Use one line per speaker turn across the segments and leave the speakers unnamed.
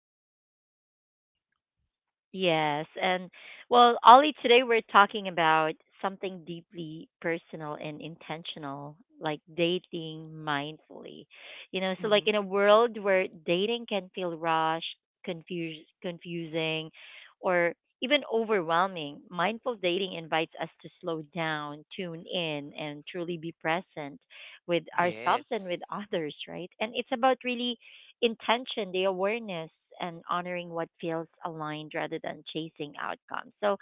for our topic today.
Yes, and Ollie, today we're talking about something deeply personal and intentional, like dating mindfully. So in a
Mm-hmm.
world where dating can feel rushed, confusing, or even overwhelming, mindful dating invites us to slow down, tune in, and truly be present with ourselves and with
Yes,
others, right? And it's about really intention, the awareness, and honoring what feels aligned rather than chasing outcomes.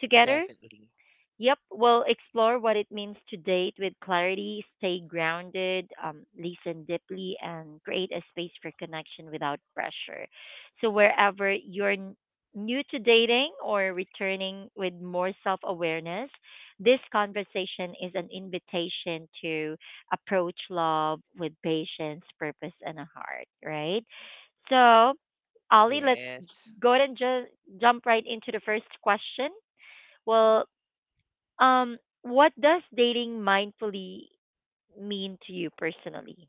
together,
definitely.
Yep, we'll explore what it means to date with clarity, stay grounded, listen deeply, and create a space for connection without pressure. So, wherever you're new to dating or returning with more self awareness, this conversation is an invitation to approach love with patience, purpose, and a heart, right? So, Ali, let's j- go ahead
Yes.
and ju- jump right into the first question. Well, what does dating mindfully mean to you personally?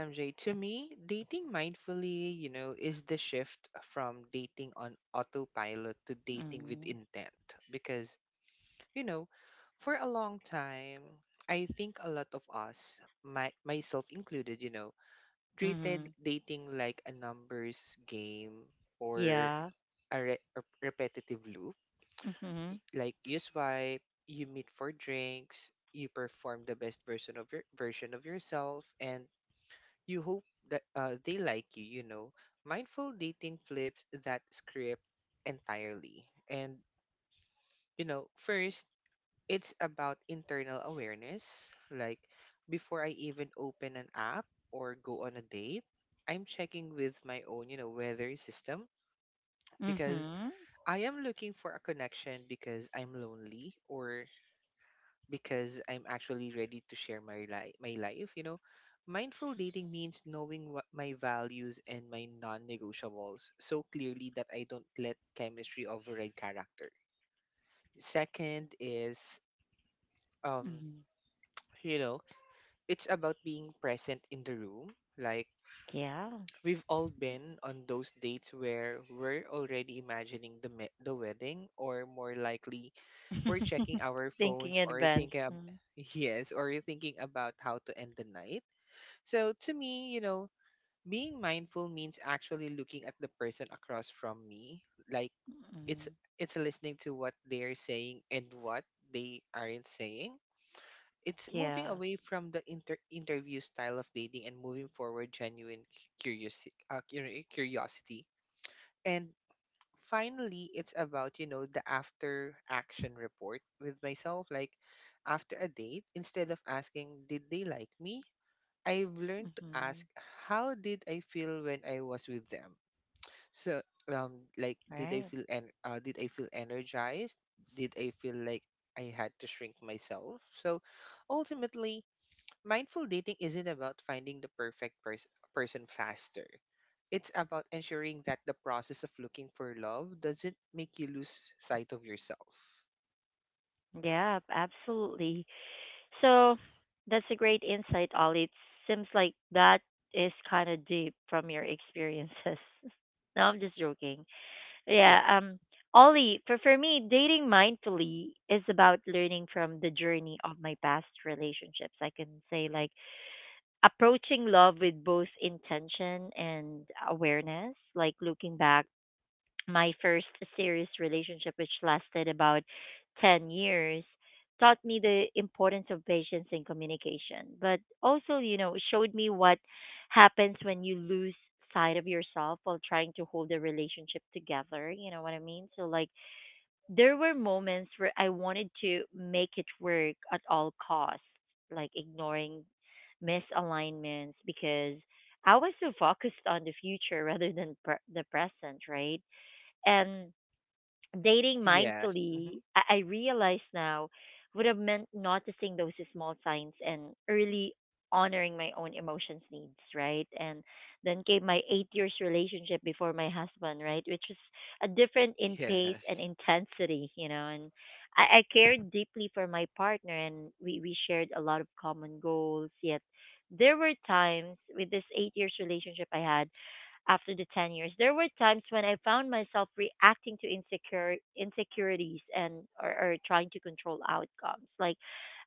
Okay, MJ. To me, dating mindfully, you know, is the shift from dating on autopilot to
Mm.
dating with intent. Because, you know, for a long time, I think a lot of us, myself included, you know,
Mhm.
treated dating like a numbers game
Yeah.
or a repetitive loop.
Mhm.
Like you swipe, you meet for drinks, you perform the best version of yourself, and you hope that they like you. You know, mindful dating flips that script entirely. And you know, first it's about internal awareness. Like before I even open an app or go on a date, I'm checking with my own, you know, weather system
Mhm.
because I am looking for a connection because I'm lonely or because I'm actually ready to share my life, you know. Mindful dating means knowing what my values and my non-negotiables so clearly that I don't let chemistry override character. Second is
Mhm.
um you know it's about being present in the room. Like
Yeah,
we've all been on those dates where we're already imagining the wedding, or more likely, we're checking our
thinking in
phones
advance.
or
Mm.
yes, or thinking about how to end the night. So to me, you know, being mindful means actually looking at the person across from me. Like
Mm.
it's it's listening to what they're saying and what they aren't saying. It's
Yeah.
moving away from the interview style of dating and moving forward genuine curiosity. And finally, it's about, you know, the after action report with myself. Like after a date, instead of asking, did they like me? I've learned to
Mhm.
ask, how did I feel when I was with them? So, like,
Right.
did I feel energized? Did I feel like I had to shrink myself? So, ultimately, mindful dating isn't about finding the person faster. It's about ensuring that the process of looking for love doesn't make you lose sight of yourself.
Yeah, absolutely. So that's a great insight, Ollie. It seems like that is kind of deep from your experiences. No, I'm just joking. Yeah, um,
Yeah.
Ollie, for me, dating mindfully is about learning from the journey of my past relationships. I can say, like, approaching love with both intention and awareness, like, looking back my first serious relationship, which lasted about 10 years, taught me the importance of patience and communication, but also, you know, showed me what happens when you lose sight of yourself while trying to hold a relationship together. You know what I mean? So, like, there were moments where I wanted to make it work at all costs, like ignoring misalignments because I was so focused on the future rather than the present, right? And dating mindfully,
Yes. Hmm.
I realize now, would have meant noticing those small signs and early honoring my own emotions needs, right? And then came my 8 years relationship before my husband, right? Which was a different in pace and
Yes.
intensity, you know, and I cared deeply for my partner and we shared a lot of common goals, yet there were times with this 8 years relationship I had after the 10 years. There were times when I found myself reacting to insecure insecurities or trying to control outcomes. Like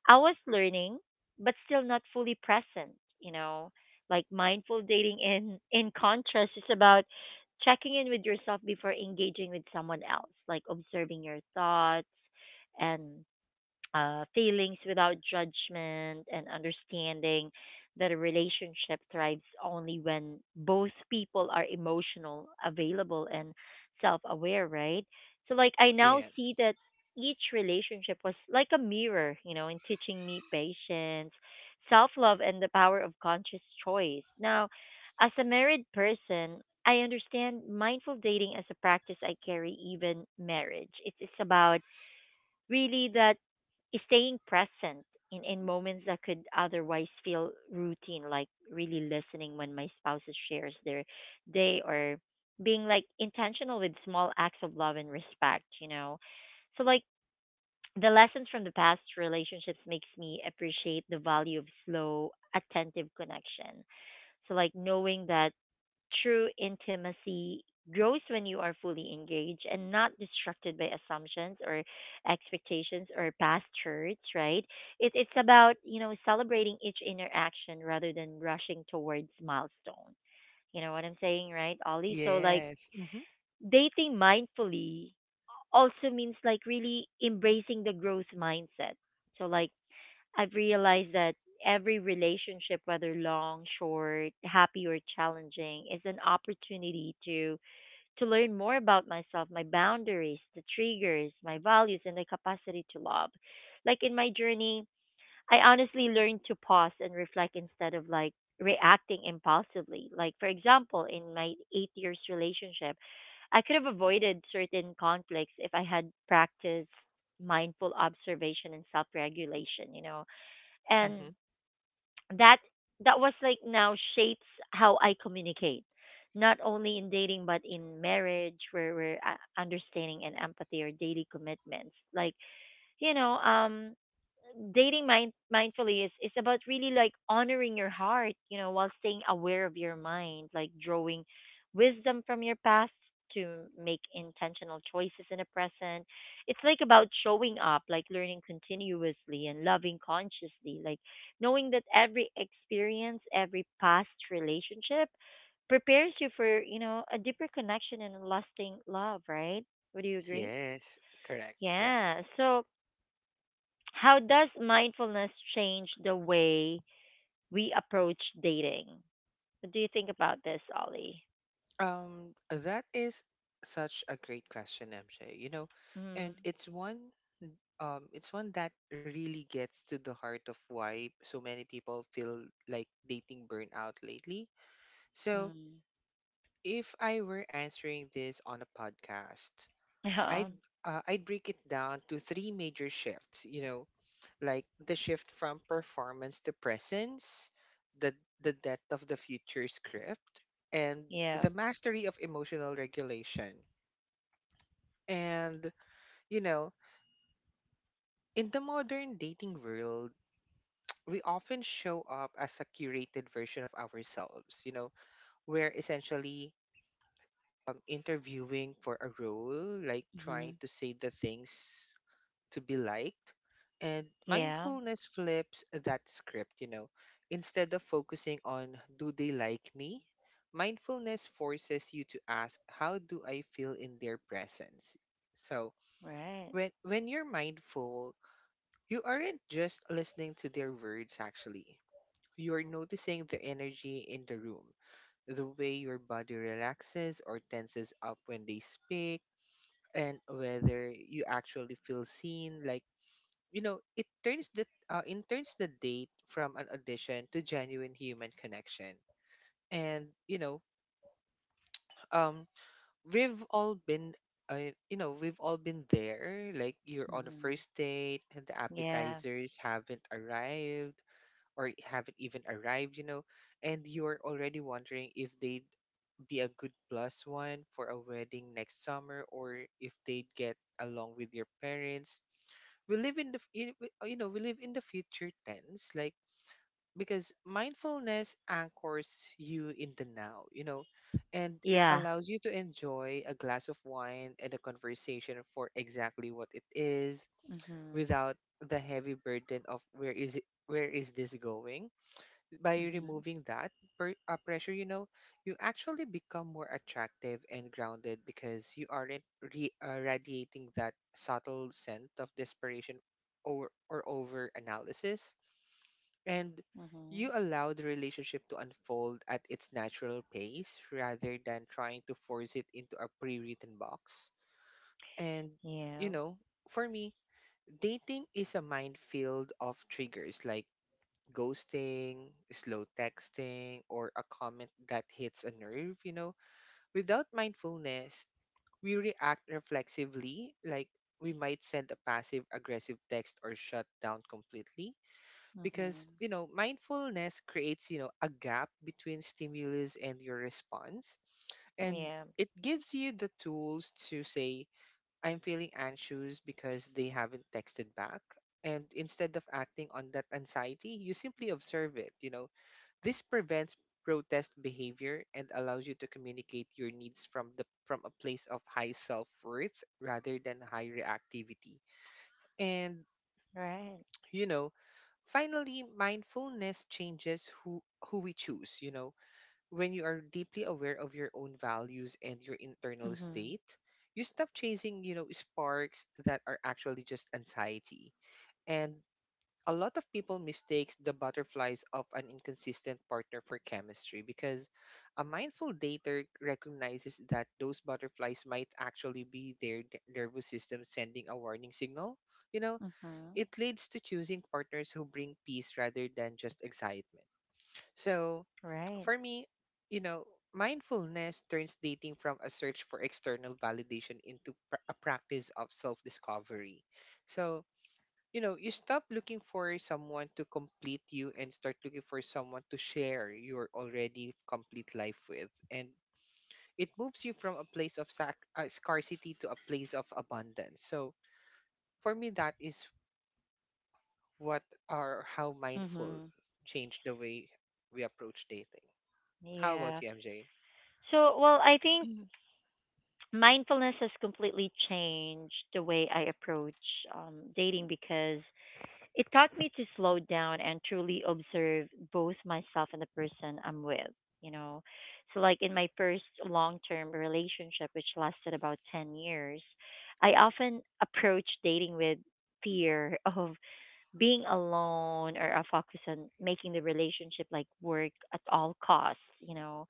I was learning but still not fully present, you know. Like mindful dating in contrast is about checking in with yourself before engaging with someone else, like observing your thoughts and feelings without judgment and understanding that a relationship thrives only when both people are emotional, available, and self aware, right? So, like, I now see that
Yes.
each relationship was like a mirror, you know, in teaching me patience, self love, and the power of conscious choice. Now, as a married person, I understand mindful dating as a practice I carry even marriage. It's about really that staying present in moments that could otherwise feel routine, like really listening when my spouse shares their day or being like intentional with small acts of love and respect, you know. So like the lessons from the past relationships makes me appreciate the value of slow, attentive connection. So like knowing that true intimacy grows when you are fully engaged and not distracted by assumptions or expectations or past hurts, right? It's about, you know, celebrating each interaction rather than rushing towards milestone. You know what I'm saying, right, Ollie? So, like,
Yes. Hmm.
dating mindfully also means, like, really embracing the growth mindset. So, like, I've realized that every relationship, whether long, short, happy or challenging, is an opportunity to learn more about myself, my boundaries, the triggers, my values and the capacity to love. Like in my journey, I honestly learned to pause and reflect instead of like reacting impulsively. Like for example, in my 8 years relationship, I could have avoided certain conflicts if I had practiced mindful observation and self-regulation, you know. And
Hmm.
that that was like now shapes how I communicate, not only in dating but in marriage, where we're understanding and empathy or daily commitments. Like you know, dating mindfully is about really like honoring your heart, you know, while staying aware of your mind, like drawing wisdom from your past to make intentional choices in the present. It's like about showing up, like learning continuously and loving consciously, like knowing that every experience, every past relationship prepares you for, you know, a deeper connection and a lasting love, right? Would you agree?
Yes. Correct.
Yeah.
Yeah.
So how does mindfulness change the way we approach dating? What do you think about this, Ollie?
That is such a great question, MJ. You know,
Mm.
and it's one that really gets to the heart of why so many people feel like dating burnout lately. So,
Mm.
if I were answering this on a podcast, I'd I'd break it down to three major shifts, you know, like the shift from performance to presence, the the depth of the future script,
Yeah.
and
Yeah.
the mastery of emotional regulation. And you know, in the modern dating world, we often show up as a curated version of ourselves. You know, we're essentially interviewing for a role, like
Hmm.
trying to say the things to be liked. And
Yeah.
mindfulness flips that script, you know. Instead of focusing on, do they like me? Mindfulness forces you to ask, how do I feel in their presence? So,
Right.
when you're mindful, you aren't just listening to their words, actually. You're noticing the energy in the room, the way your body relaxes or tenses up when they speak, and whether you actually feel seen. Like you know it turns the date from an audition to genuine human connection. And you know, um we've all been we've all been there, like you're on
Hmm.
a first date and the
Yeah.
appetizers haven't arrived or haven't even arrived, you know. And you're already wondering if they be a good plus one for a wedding next summer or if they get along with your parents. We live in the you know we live in the future tense, like because mindfulness anchors you in the now, you know. And
Yeah.
it allows you to enjoy a glass of wine and a conversation for exactly what it is
Hmm.
without the heavy burden of where is this going. By
Hmm.
removing that pressure, you know, you actually become more attractive and grounded because you aren't radiating that subtle scent of desperation or over analysis. And
Hmm.
you allow the relationship to unfold at its natural pace rather than trying to force it into a pre written box. And,
Yeah.
you know, for me, dating is a minefield of triggers like ghosting, slow texting, or a comment that hits a nerve, you know. Without mindfulness, we react reflexively, like we might send a passive aggressive text or shut down completely
Hmm.
because, you know, mindfulness creates, you know, a gap between stimulus and your response.
Yeah.
And it gives you the tools to say, I'm feeling anxious because they haven't texted back. And instead of acting on that anxiety, you simply observe it, you know. This prevents protest behavior and allows you to communicate your needs from a place of high self-worth rather than high reactivity. And
Right.
you know, finally mindfulness changes who we choose, you know. When you are deeply aware of your own values and your internal
Hmm.
state, you stop chasing, you know, sparks that are actually just anxiety. And a lot of people mistakes the butterflies of an inconsistent partner for chemistry because a mindful dater recognizes that those butterflies might actually be nervous system sending a warning signal. You know,
Hmm.
it leads to choosing partners who bring peace rather than just excitement. So,
Right.
for me, you know, mindfulness turns dating from a search for external validation into a practice of self-discovery. So, you know you stop looking for someone to complete you and start looking for someone to share your already complete life with. And it moves you from a place of scarcity to a place of abundance. So for me that is what are how
Hmm.
mindful changed the way we approach dating.
Yeah.
How about you, MJ?
So, well, I think mindfulness has completely changed the way I approach dating because it taught me to slow down and truly observe both myself and the person I'm with. You know, so like in my first long term relationship, which lasted about 10 years, I often approached dating with fear of being alone or a focus on making the relationship like work at all costs, you know.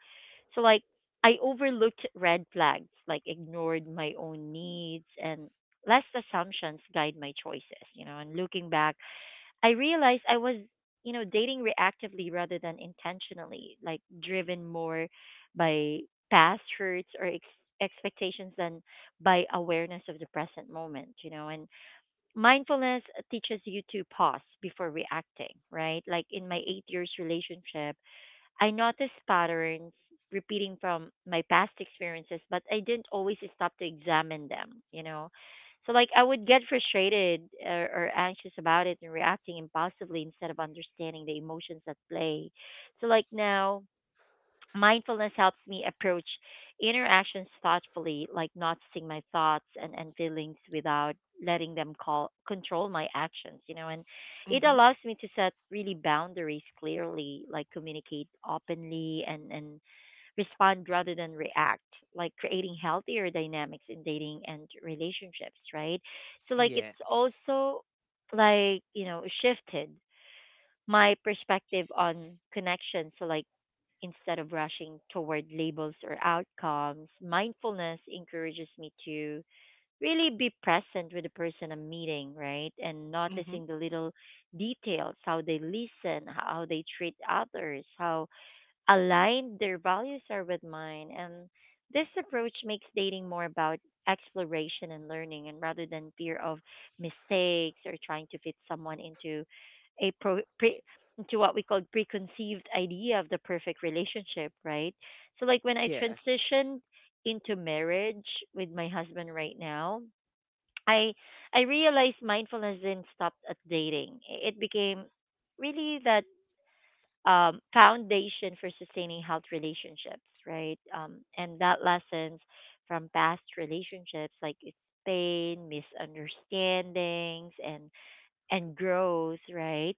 So like I overlooked red flags, like ignored my own needs and less assumptions guide my choices, you know. And looking back, I realized I was, you know, dating reactively rather than intentionally, like driven more by past hurts or expectations than by awareness of the present moment, you know. And mindfulness teaches you to pause before reacting, right? Like in my 8 years relationship, I noticed patterns repeating from my past experiences, but I didn't always stop to examine them, you know? So, like, I would get frustrated or anxious about it and reacting impulsively instead of understanding the emotions at play. So, like, now, mindfulness helps me approach interactions thoughtfully, like noticing my thoughts and feelings without letting them control my actions, you know, and it allows
Mm-hmm.
me to set really boundaries clearly, like communicate openly and respond rather than react, like creating healthier dynamics in dating and relationships, right? So, like, it's
Yes.
also like, you know, shifted my perspective on connection. So, like, instead of rushing toward labels or outcomes, mindfulness encourages me to really be present with the person I'm meeting, right? And noticing the
Mm-hmm.
little details, how they listen, how they treat others, how aligned their values are with mine and this approach makes dating more about exploration and learning and rather than fear of mistakes or trying to fit someone into a pro, pre, into what we call preconceived idea of the perfect relationship, right? So like when I
Yes.
transitioned into marriage with my husband right now, I I realized mindfulness didn't stop at dating. It became really that foundation for sustaining health relationships, right? And that lessons from past relationships, like it's pain, misunderstandings, and growth, right,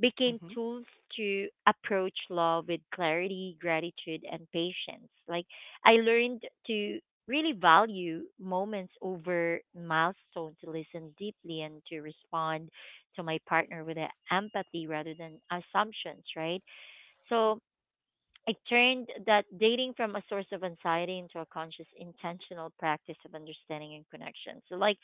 became
Mm-hmm.
tools to approach love with clarity, gratitude, and patience. Like I learned to really value moments over milestone to listen deeply and to respond to my partner with a empathy rather than assumptions, right? So I turned that dating from a source of anxiety into a conscious, intentional practice of understanding and connection. So, like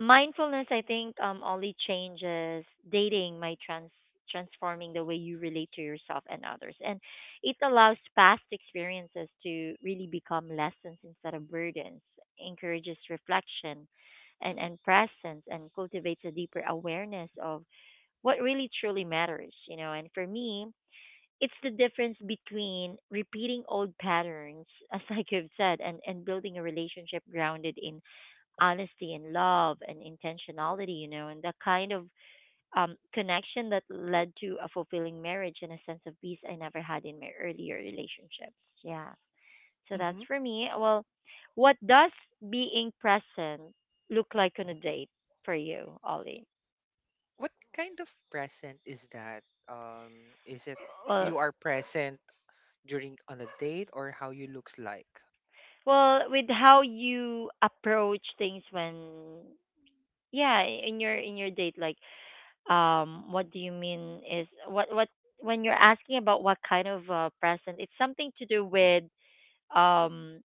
mindfulness, I think only changes dating by transforming the way you relate to yourself and others, and it allows past experiences to really become lessons instead of burdens. Encourages reflection, and presence, and cultivates a deeper awareness of what really truly matters. You know, and for me, it's the difference between repeating old patterns, as like you've said, and building a relationship grounded in honesty and love and intentionality, you know, and the kind of connection that led to a fulfilling marriage and a sense of peace I never had in my earlier relationships. Yeah. So that's for
Mm-hmm.
me. Well, what does being present look like on a date for you, Ollie?
What kind of present is that? um is it
Well,
you are present during on a date or how you looks like?
well, with how you approach things when yeah in your date like what do you mean is what when you're asking about what kind of present it's something to do with um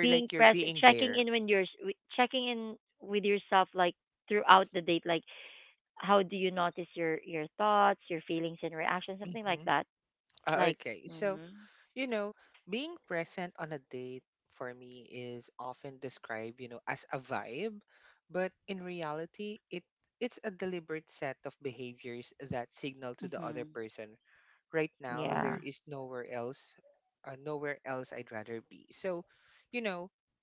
being
Or like
present
you're being
checking in when
there.
you're checking in with yourself like throughout the date like how do you notice your thoughts your feelings and reactions something like that
Mm-hmm.
like.
Okay,
Mhm.
so you know, being present on a date for me is often described, you know, as a vibe, but in reality, it's a deliberate set of behaviors that signal to the
Mhm.
other person right
Yeah.
now there is nowhere else I'd rather be. So, you know,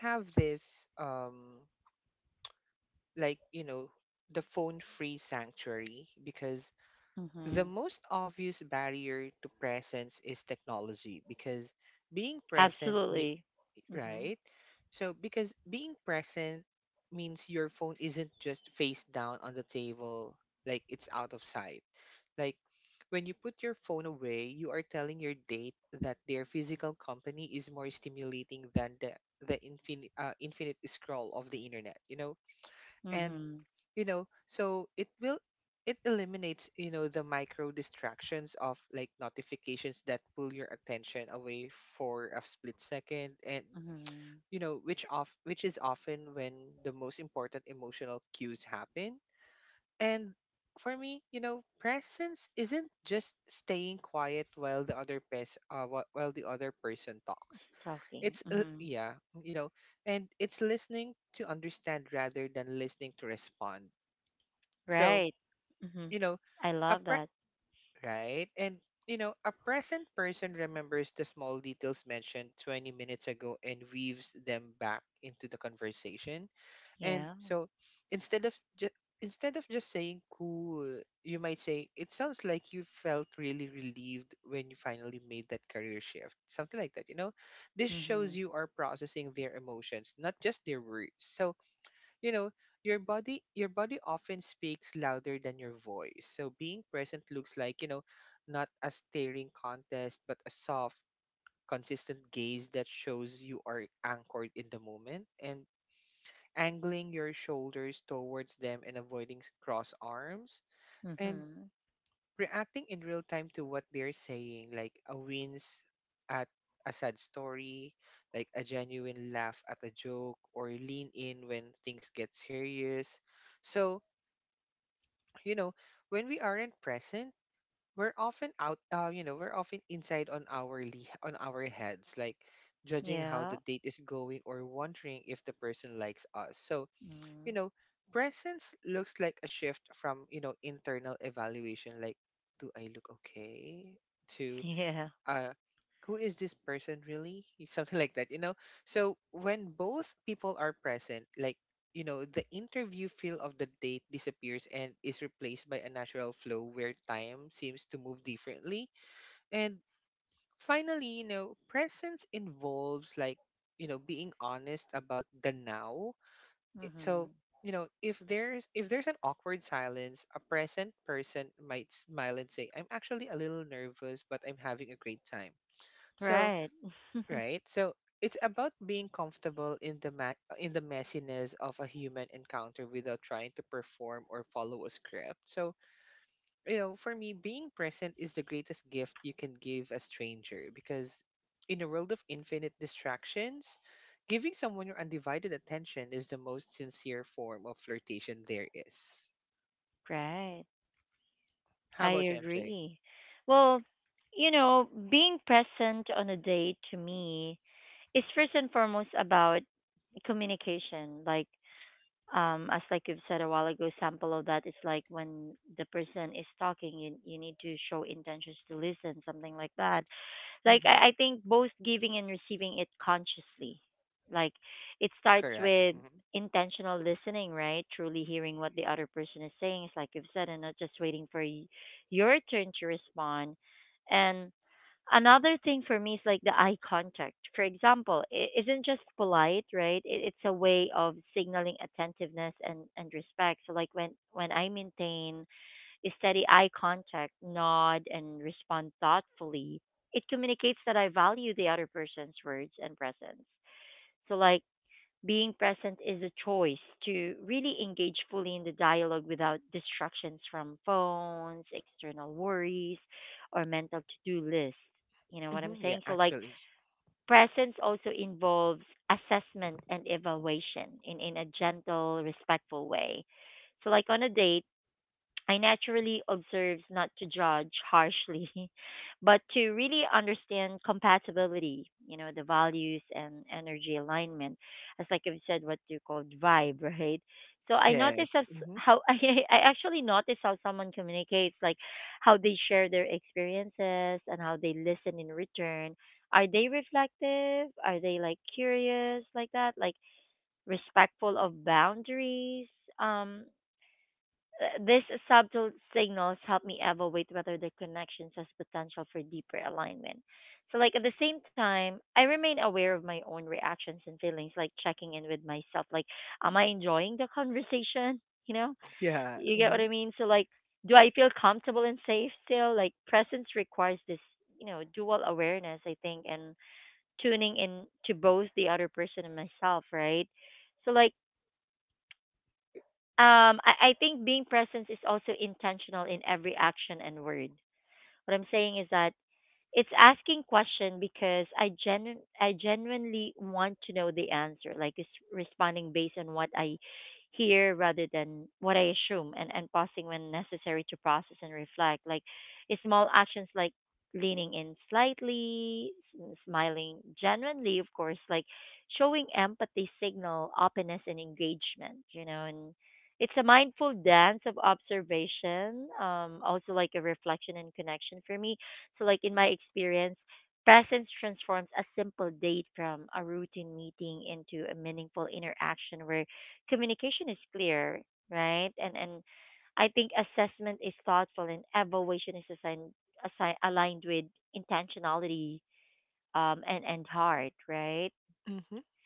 we have this like you know the phone free sanctuary because
Mhm.
the most obvious barrier to presence is technology because being present
Absolutely.
me
Mhm.
right so because being present means your phone isn't just face down on the table, like it's out of sight. Like when you put your phone away you are telling your date that their physical company is more stimulating than the infinite scroll of the internet, you know. And
Mhm.
you know so it eliminates you know the micro distractions of like notifications that pull your attention away for a split second. And
Mhm.
you know which is often when the most important emotional cues happen. And for me you know presence isn't just staying quiet while the while the other person talks.
Stalking.
It's
Mhm.
Yeah, you know, and it's listening to understand rather than listening to respond.
Right.
So,
Mm-hmm.
you know,
I love
a
that.
pre- right? And you know, a present person remembers the small details mentioned 20 minutes ago and weaves them back into the conversation.
Yeah.
And so, instead of just instead of just saying cool, you might say it sounds like you felt really relieved when you finally made that career shift. Something like that, you know? This
Mm-hmm.
shows you are processing their emotions, not just their words. So, you know your body often speaks louder than your voice. So being present looks like you know not a staring contest but a soft consistent gaze that shows you are anchored in the moment, and angling your shoulders towards them and avoiding cross arms,
Mm-hmm.
and reacting in real time to what they're saying like a wince at a sad story, like a genuine laugh at a joke or lean in when things get serious. So you know, when we aren't present, we're often inside on on our heads, like judging
Yeah.
how the date is going or wondering if the person likes us. So,
Mm-hmm.
you know, presence looks like a shift from, you know, internal evaluation, like, do I look okay?
Yeah.
Uh, who is this person really? Something like that, you know? So when both people are present, like, you know, the interview feel of the date disappears and is replaced by a natural flow where time seems to move differently. And finally, you know, presence involves like, you know, being honest about the now. I-
Mm-hmm.
So, if there's an awkward silence, a present person might smile and say, "I'm actually a little nervous, but I'm having a great time."
Right.
So, right? So it's about being comfortable in the messiness of a human encounter without trying to perform or follow a script. So, for me, being present is the greatest gift you can give a stranger because in a world of infinite distractions, giving someone your undivided attention is the most sincere form of flirtation there is.
Right.
How
I
about you, MJ?
agree. Well, you know, being present on a date to me is first and foremost about communication. Like, as like you've said a while ago, sample of that is like when the person is talking, you need to show intentions to listen, something like that. Like I
Mm-hmm.
think both giving and receiving it consciously, like it starts
Correct.
with
Mm-hmm.
intentional listening, right? Truly hearing what the other person is saying is like you've said and not just waiting for your turn to respond. And another thing for me is like the eye contact, for example. It isn't just polite, right? It's a way of signaling attentiveness and respect. So like when I maintain steady eye contact, nod, and respond thoughtfully, it communicates that I value the other person's words and presence. So, like, being present is a choice to really engage fully in the dialogue without distractions from phones, external worries, or mental to do lists. You know what I'm saying? So,
Yeah,
like,
actually.
presence also involves assessment and evaluation in a gentle, respectful way. So, like on a date, I naturally observe not to judge harshly, but to really understand compatibility, you know, the values and energy alignment. As like I've said, what you call vibe, right? So I notice as
Yes. Mm-hmm.
how I actually notice how someone communicates, like how they share their experiences and how they listen in return. Are they reflective? Are they like curious like that? Like respectful of boundaries? Um, These subtle signals help me evaluate whether the connections has potential for deeper alignment. So, like at the same time, I remain aware of my own reactions and feelings, like checking in with myself. Like, am I enjoying the conversation? You know, you
Yeah.
get what I
Mm-hmm.
mean. So, like, do I feel comfortable and safe still? Like, presence requires this, you know, dual awareness, I think, and tuning in to both the other person and myself, right? So, like I think being present is also intentional in every action and word. What I'm saying is that it's asking question because I genuinely want to know the answer. Like it's responding based on what I hear rather than what I assume, and pausing when necessary to process and reflect. Like it's small actions like leaning in slightly, smiling genuinely, of course, like showing empathy signal openness and engagement, you know, and it's a mindful dance of observation, also like a reflection and connection for me. So, like in my experience, presence transforms a simple date from a routine meeting into a meaningful interaction where communication is clear, right? And I think assessment is thoughtful and evaluation is aligned with intentionality and heart, right?
Mm-hmm.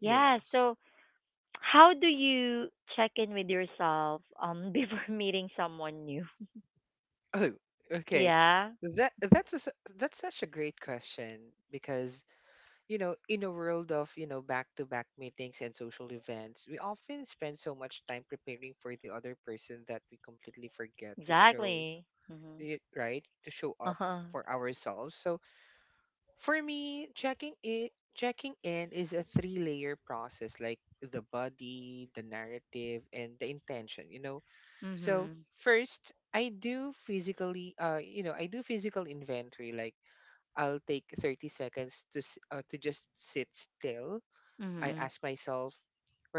Yeah. So,
Yes.
how do you check in with yourself before meeting someone new?
Oh, okay.
Yeah,
That's such a great question because in a world of back-to-back meetings and social events, we often spend so much time preparing for the other person that we completely forget to show
exactly. Mhm.
the right to show
Uh
up
huh.
for ourselves. So for me, checking in is a three-layer process, like the body, the narrative, and the intention. You know,
Mhm.
so first, I do physical inventory. Like I'll take 30 seconds to to just sit still. I
Mhm.
ask myself,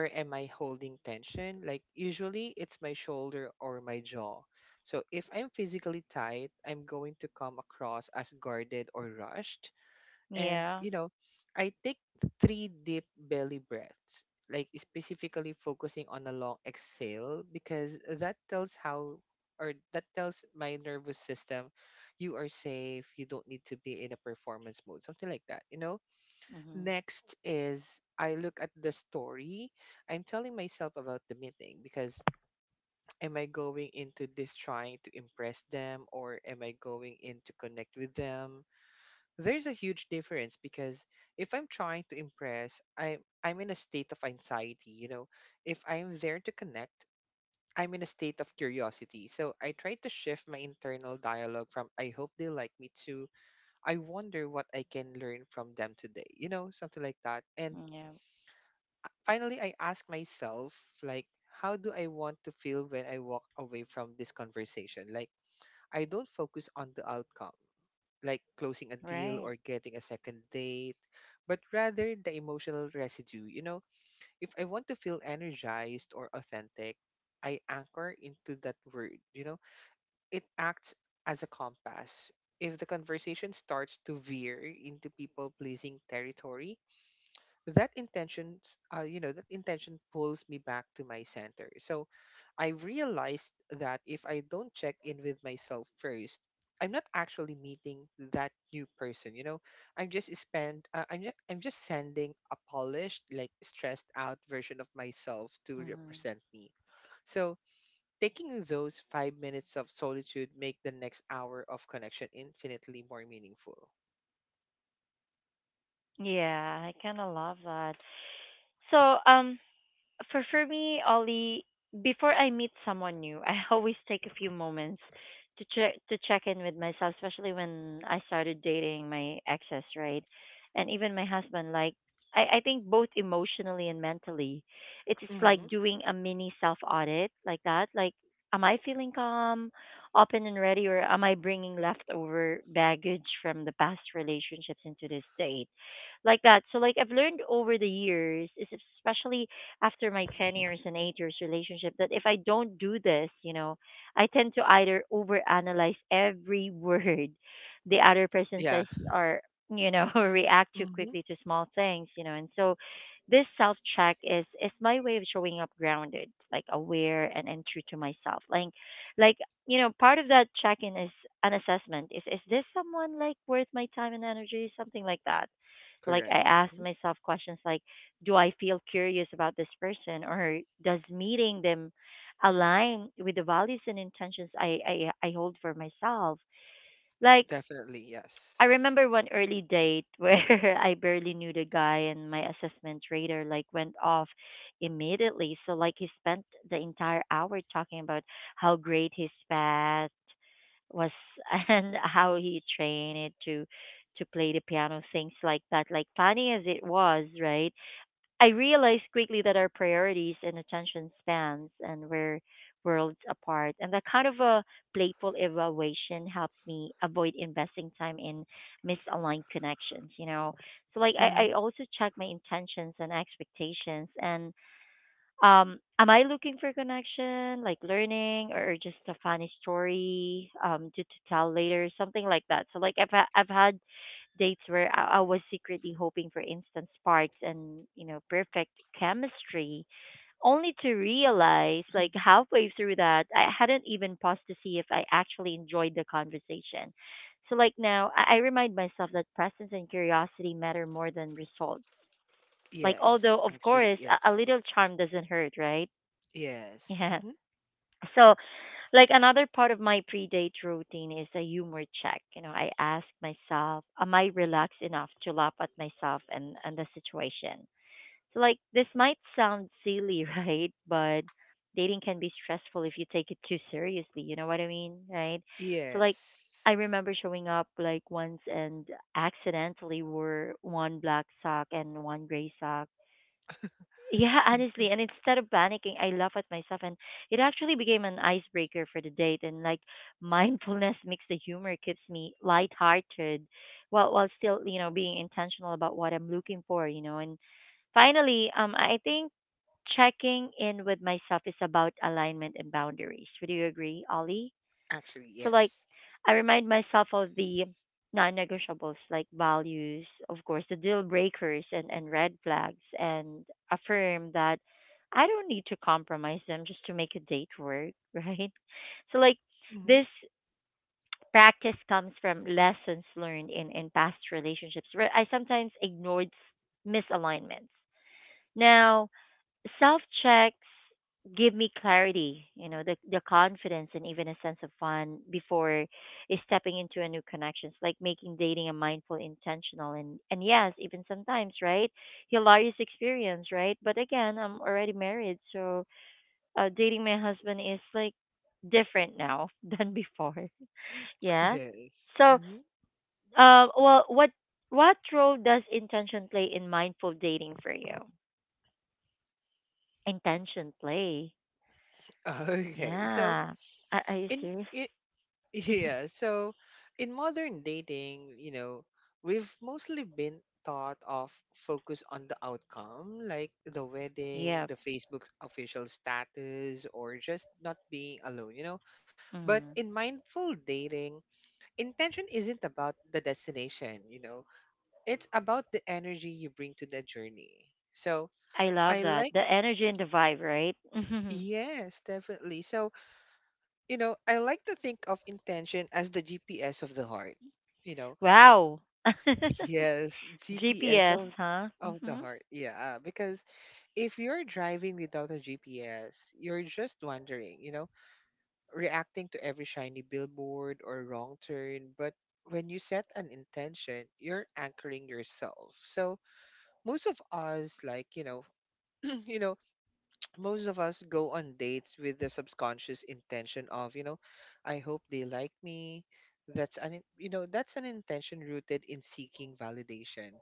where am I holding tension? Like usually, it's my shoulder or my jaw. So if I'm physically tight, I'm going to come across as guarded or rushed, and
Yeah.
I take three deep belly breaths, like specifically focusing on a long exhale because that tells my nervous system you are safe, you don't need to be in a performance mode, something like that, you know.
Mhm.
Next is I look at the story I'm telling myself about the meeting because am I going into this trying to impress them, or am I going in to connect with them? There's a huge difference because if I'm trying to impress, I'm in a state of anxiety, you know. If I'm there to connect, I'm in a state of curiosity. So I try to shift my internal dialogue from I hope they like me to I wonder what I can learn from them today. You know, something like that. And
Yeah.
finally I ask myself, like, how do I want to feel when I walk away from this conversation? Like I don't focus on the outcome, like closing a
Right.
deal or getting a second date, but rather the emotional residue. You know, if I want to feel energized or authentic, I anchor into that word. You know, it acts as a compass. If the conversation starts to veer into people pleasing territory, that intention you know, that intention pulls me back to my center. So I realized that if I don't check in with myself first, I'm not actually meeting that new person, you know. I'm just spend uh, i'm just, i'm just sending a polished, like, stressed out version of myself to
Mhm.
represent me. So taking those 5 minutes of solitude make the next hour of connection infinitely more meaningful.
Yeah, I kind of love that. So, for me, Ollie, before I meet someone new, I always take a few moments to check in with myself, especially when I started dating my exes, right? And even my husband, like I think both emotionally and mentally. It's just like
hmm
doing a mini self audit like that. Like, am I feeling calm, open and ready, or am I bringing leftover baggage from the past relationships into this date? Like that. So, like, I've learned over the years, is especially after my 10 years and 8 years relationship that if I don't do this, you know, I tend to either overanalyze every word the other person says,
yeah.
or, you know, react too quickly
hmm
to small things, you know. And so this self check is my way of showing up grounded, like aware and true to myself. Like, you know, part of that check in is an assessment. Is this someone like worth my time and energy? Something like that. Like I
Correct.
ask myself questions like, do I feel curious about this person or does meeting them align with the values and intentions I hold for myself? Like
Definitely,
I
yes.
remember one early date where I barely knew the guy and my assessment radar like went off immediately. So like he spent the entire hour talking about how great his past was and how he trained to to play the piano, things like that. Like funny as it was, right? I realized quickly that our priorities and attention spans and were worlds apart. And that kind of a playful evaluation helps me avoid investing time in misaligned connections, you know. So like I
Mm-hmm.
also check my intentions and expectations and am I looking for connection, like learning, or just a funny story to tell later, something like that? So like I've had dates where I was secretly hoping for instant sparks and you know perfect chemistry, only to realize like halfway through that I hadn't even paused to see if I actually enjoyed the conversation. So like now I remind myself that presence and curiosity matter more than results, like although
Yes,
of course
actually,
a little
yes.
charm doesn't hurt, right? Yeah.
Yes. Mm-hmm.
So, like another part of my pre-date routine is a humor check. You know, I ask myself, am I relaxed enough to laugh at myself and the situation? So, like this might sound silly, right? But dating can be stressful if you take it too seriously. You know what I mean, right? So, like I
Yes.
remember showing up like once and accidentally wore one black sock and one gray sock, yeah, honestly, and instead of panicking, I laugh at myself, and it actually became an icebreaker for the date. And like mindfulness mixed the humor keeps me lighthearted, while still you know being intentional about what I'm looking for, you know. And finally, I think checking in with myself is about alignment and boundaries. Would you agree, Ollie?
Actually,
So like
yes.
I remind myself of the non-negotiables like values, of course, the deal breakers and red flags and affirm that I don't need to compromise them just to make a date work, right? So like this
Mm-hmm.
practice comes from lessons learned in past relationships where I sometimes ignored misalignments. Now, self checks give me clarity, you know, the confidence and even a sense of fun before stepping into a new connections, like making dating a mindful, intentional and yes, even sometimes, right? Hilarious experience, right? But again, I'm already married, so dating my husband is like different now than before. Yeah.
Yes.
So, what role does intention play in mindful dating for you? Intention play.
Okay.
Yeah. Are you
In
serious?
i- yeah, so in modern dating, you know, we've mostly been taught of focus on the outcome, like the
Yeah.
wedding, the Facebook official status, or just not being alone, you know. But
Mm.
in mindful dating, intention isn't about the destination, you know, it's about the energy you bring to the journey. So
I love
I
that. The
like,
energy and the vibe, right?
yes, definitely. So, you know, I like to think of intention as the GPS of the heart, you know,
Wow.
yes, GPS
GPS, huh?
of the
Mhm.
heart. Yeah. Because if you're driving without a GPS, you're just wandering, you know, reacting to every shiny billboard or wrong turn. But when you set an intention, you're anchoring yourself. So most of us like you know you know, most of us go on dates with the subconscious intention of, I hope they like me. You know, that's an intention rooted in seeking validation.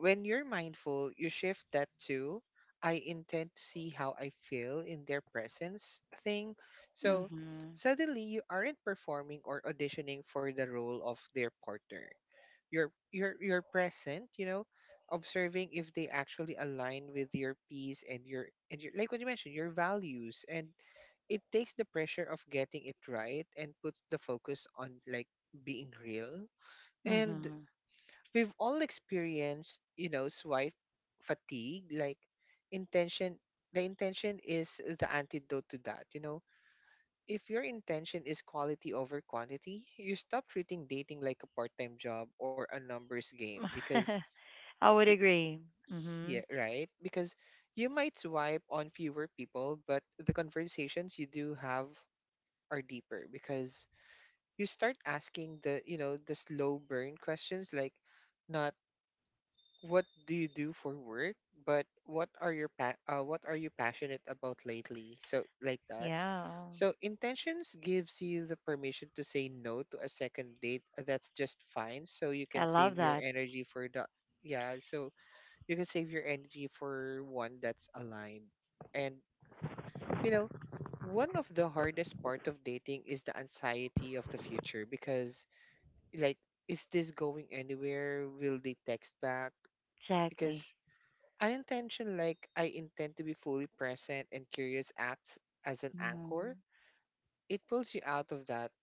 When you're mindful, you shift that to I intend to see how I feel in their presence thing. So
Mhm.
suddenly you aren't performing or auditioning for the role of their partner, you're present, you know, observing if they actually align with your peace and your like what you mentioned, your values. And it takes the pressure of getting it right and puts the focus on like being real. And
Mhm.
we've all experienced, you know, swipe fatigue. Like intention The intention is the antidote to that, you know. If your intention is quality over quantity, you stop treating dating like a part time job or a numbers game,
I would
y-
agree. Mhm.
yeah, right? Because you might swipe on fewer people, but the conversations you do have are deeper because you start asking the, you know, the slow burn questions, like, not what do you do for work, but what are you passionate about lately? So like that.
Yeah.
So intentions gives you the permission to say no to a second date. That's just fine. So you
I
can
love
save your
that.
energy for the yeah. So you can save your energy for one that's aligned. And you know, one of the hardest part of dating is the anxiety of the future because, like, is this going anywhere? Will they text back?
Exactly.
Because like I intend to be fully present and curious, acts as an anchor.
Mhm.
It pulls you out of that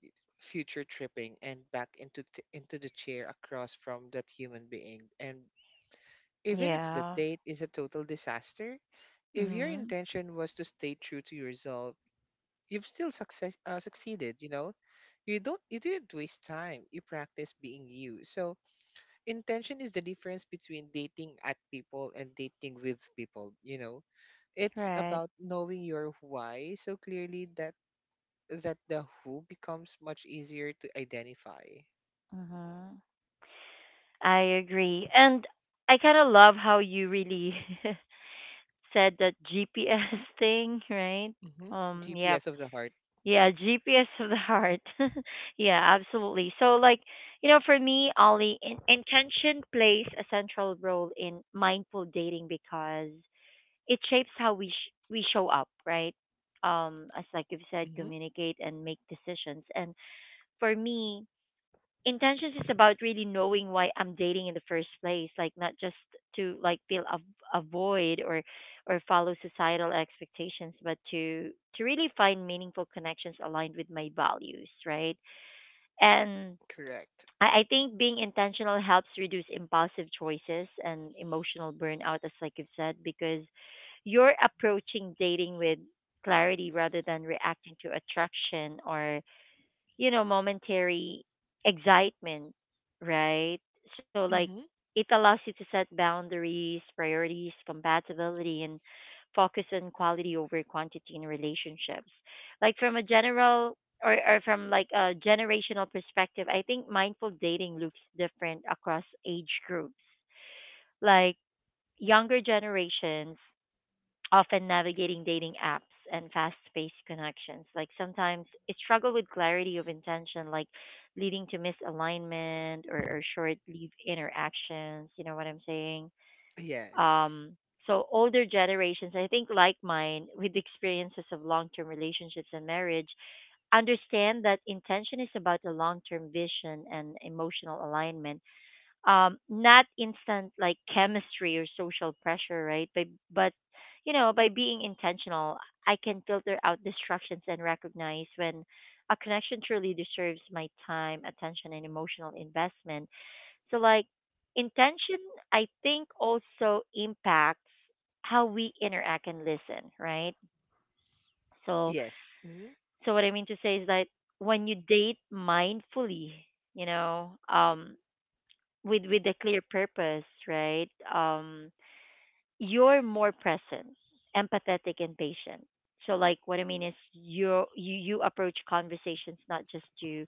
future tripping and back into into the chair across from that human being. And even if the
Yeah.
date is a total disaster, if your
Mhm.
intention was to stay true to yourself, you've still success succeeded. You know, you didn't waste time. You practice being you. So intention is the difference between dating at people and dating with people, you know. It's
Right.
about knowing your why so clearly that the who becomes much easier to identify.
Mhm. I agree. And I kind of love how you really said that GPS thing, right? Yep.
GPS of the heart.
Yeah, GPS of the heart. Yeah, absolutely. So like, you know, for me, Ollie, intention plays a central role in mindful dating because it shapes how we show up, right? As like you've said,
hmm
communicate and make decisions. And for me, intentions is about really knowing why I'm dating in the first place, like not just to like fill a void or follow societal expectations, but to really find meaningful connections aligned with my values, right? And
Correct.
I think being intentional helps reduce impulsive choices and emotional burnout, as like you've said, because you're approaching dating with clarity rather than reacting to attraction or you know, momentary excitement, right? So like
hmm
it allows you to set boundaries, priorities, compatibility and focus on quality over quantity in relationships. Like from a general or from like a generational perspective, I think mindful dating looks different across age groups. Like younger generations often navigating dating apps and fast paced connections. Like sometimes it struggle with clarity of intention, like leading to misalignment or short lived interactions. You know what I'm saying?
Yes.
Um, so, older generations, I think, like mine, with experiences of long term relationships and marriage, understand that intention is about a long term vision and emotional alignment, not instant like chemistry or social pressure, right? But you know by being intentional I can filter out distractions and recognize when a connection truly deserves my time attention and emotional investment. So like intention I think also impacts how we interact and listen, right? so
Yes. Mhm.
so what I mean to say is that when you date mindfully, you know with a clear purpose, right? You're more present, empathetic, and patient. So, like, what I mean is, you approach conversations not just to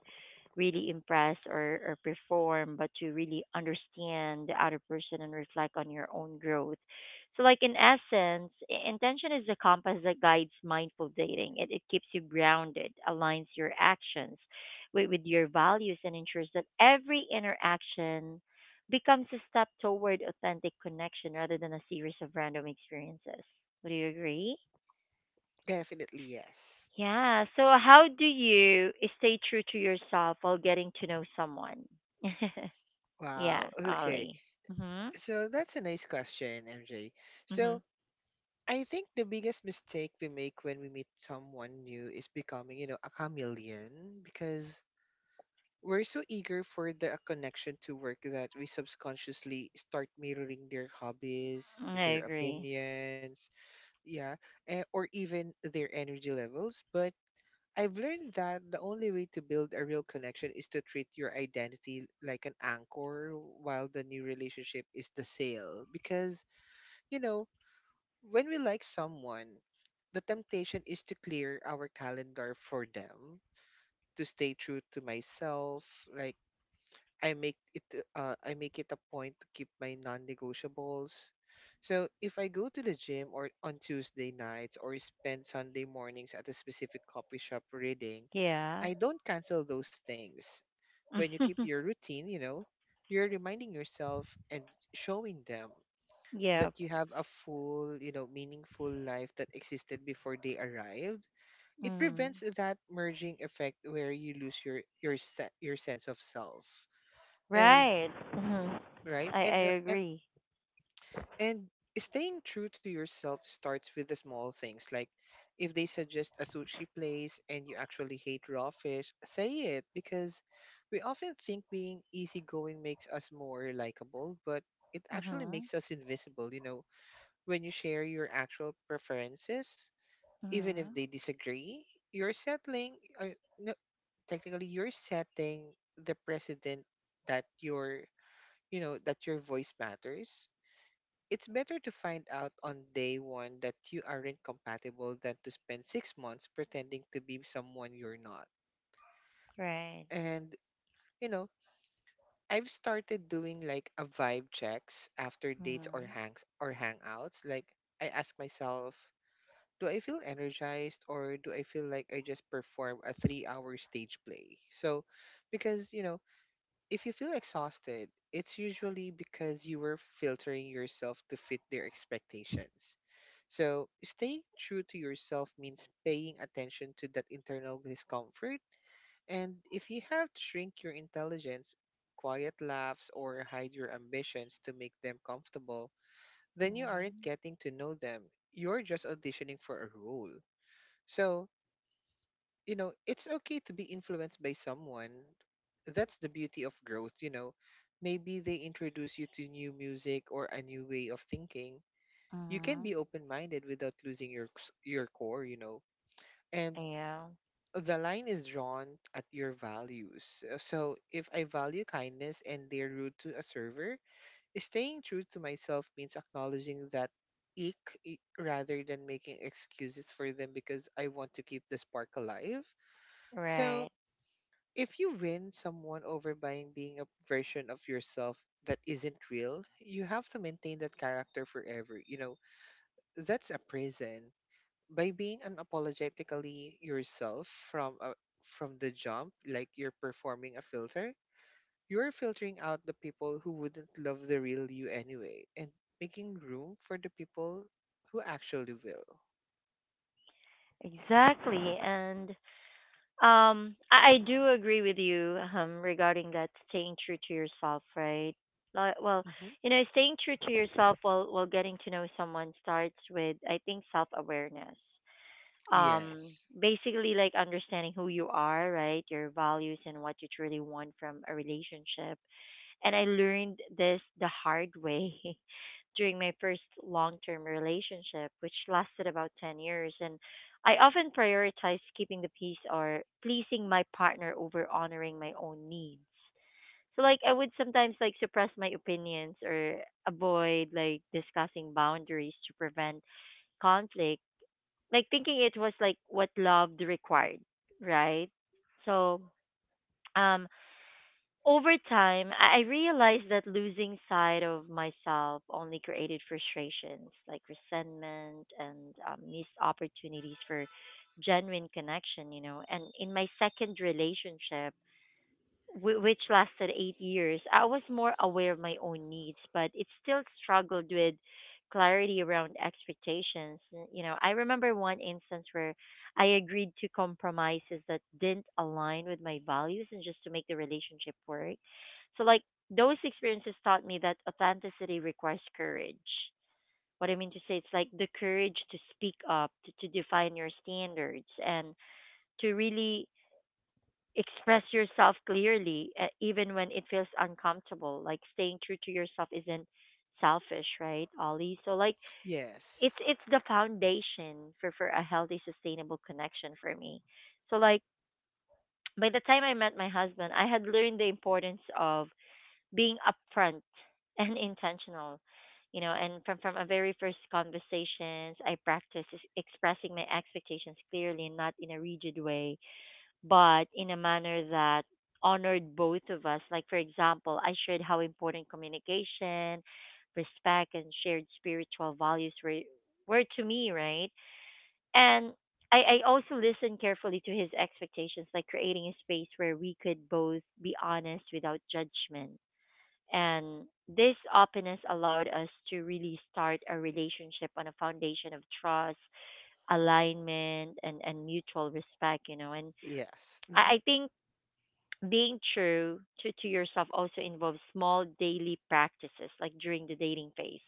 really impress or perform, but to really understand the other person and reflect on your own growth. So, like in essence, intention is the compass that guides mindful dating. It keeps you grounded, aligns your actions with your values, and ensures that every interaction becomes a step toward authentic connection rather than a series of random experiences. Would you agree?
Definitely yes.
Yeah. So, how do you stay true to yourself while getting to know someone? Yeah,
Wow. Okay.
Ollie. Mhm.
So that's a nice question, MJ.
Mhm.
So I think the biggest mistake we make when we meet someone new is becoming, you know, a chameleon because we're so eager for the connection to work that we subconsciously start mirroring their hobbies,
I
their
agree.
opinions, yeah, or even their energy levels. But I've learned that the only way to build a real connection is to treat your identity like an anchor while the new relationship is the sail because, you know, when we like someone, the temptation is to clear our calendar for them, to stay true to myself. Like I make it, I make it a point to keep my non-negotiables. So if I go to the gym or on Tuesday nights or spend Sunday mornings at a specific coffee shop reading,
Yeah.
I don't cancel those things. When you keep your routine, you know, you're reminding yourself and showing them that
Yeah.
you have a full, you know, meaningful life that existed before they arrived. It
Mhm.
prevents that merging effect where you lose your sense of self. And
Right. Mhm.
right?
I
And
I
uh, and
agree.
and staying true to yourself starts with the small things, like if they suggest a sushi place and you actually hate raw fish, say it, because we often think being easygoing makes us more likable, but it actually
Mhm.
makes us invisible, you know. When you share your actual preferences, even if
Mhm.
they disagree, you're settling, or, no, technically, you're setting the precedent that your, you know, that your voice matters. It's better to find out on day one that you aren't compatible than to spend 6 months pretending to be someone you're not.
Right.
And, you know, I've started doing like a vibe checks after dates or
Mhm.
hangs or hangouts. Like I ask myself, do I feel energized or do I feel like I just perform a 3 hour stage play? Because, you know, if you feel exhausted, it's usually because you were filtering yourself to fit their expectations. So, staying true to yourself means paying attention to that internal discomfort. And if you have to shrink your intelligence, quiet laughs, or hide your ambitions to make them comfortable, then you aren't
Mhm.
getting to know them. You're just auditioning for a role. So, you know, it's okay to be influenced by someone. That's the beauty of growth, you know. Maybe they introduce you to new music or a new way of thinking. You can
Mhm.
be open-minded without losing your core, you know. And
Yeah.
the line is drawn at your values. So, if I value kindness and they're rude to a server, staying true to myself means acknowledging that rather than making excuses for them because I want to keep the spark alive. So,
Right.
if you win someone over by being a version of yourself that isn't real, you have to maintain that character forever. You know, that's a prison. By being unapologetically yourself from the jump, like you're performing a filter, you're filtering out the people who wouldn't love the real you anyway, and making room for the people who actually will.
Exactly. I do agree with you regarding that staying true to yourself, right? Like, well,
Hmm
you know, staying true to yourself while getting to know someone starts with, I think, self awareness. Um,
Yes.
basically, like understanding who you are, right? Your values and what you truly want from a relationship. And I learned this the hard way during my first long term relationship, which lasted about 10 years. And I often prioritized keeping the peace or pleasing my partner over honoring my own needs. So, like, I would sometimes like suppress my opinions or avoid like discussing boundaries to prevent conflict, like thinking it was like what love required, right? So, um, over time, I realized that losing sight of myself only created frustrations like resentment and missed opportunities for genuine connection, you know. And in my second relationship, which lasted 8 years, I was more aware of my own needs, but it still struggled with clarity around expectations. You know, I remember one instance where I agreed to compromises that didn't align with my values and just to make the relationship work. So, like, those experiences taught me that authenticity requires courage. What I mean to say, it's like the courage to speak up, to define your standards, and to really express yourself clearly even when it feels uncomfortable, like staying true to yourself isn't selfish, right, Ollie? So like it's
Yes.
it's the foundation for a healthy sustainable connection for me. So like by the time I met my husband, I had learned the importance of being upfront and intentional, you know. And from a very first conversations I practiced expressing my expectations clearly and not in a rigid way, but in a manner that honored both of us. Like, for example, I shared how important communication, respect, and shared spiritual values were to me, right? And I also listened carefully to his expectations, like creating a space where we could both be honest without judgment. And this openness allowed us to really start a relationship on a foundation of trust, alignment, and mutual respect, you know. And
Yes. hmm
I think being true to yourself also involves small daily practices, like during the dating phase,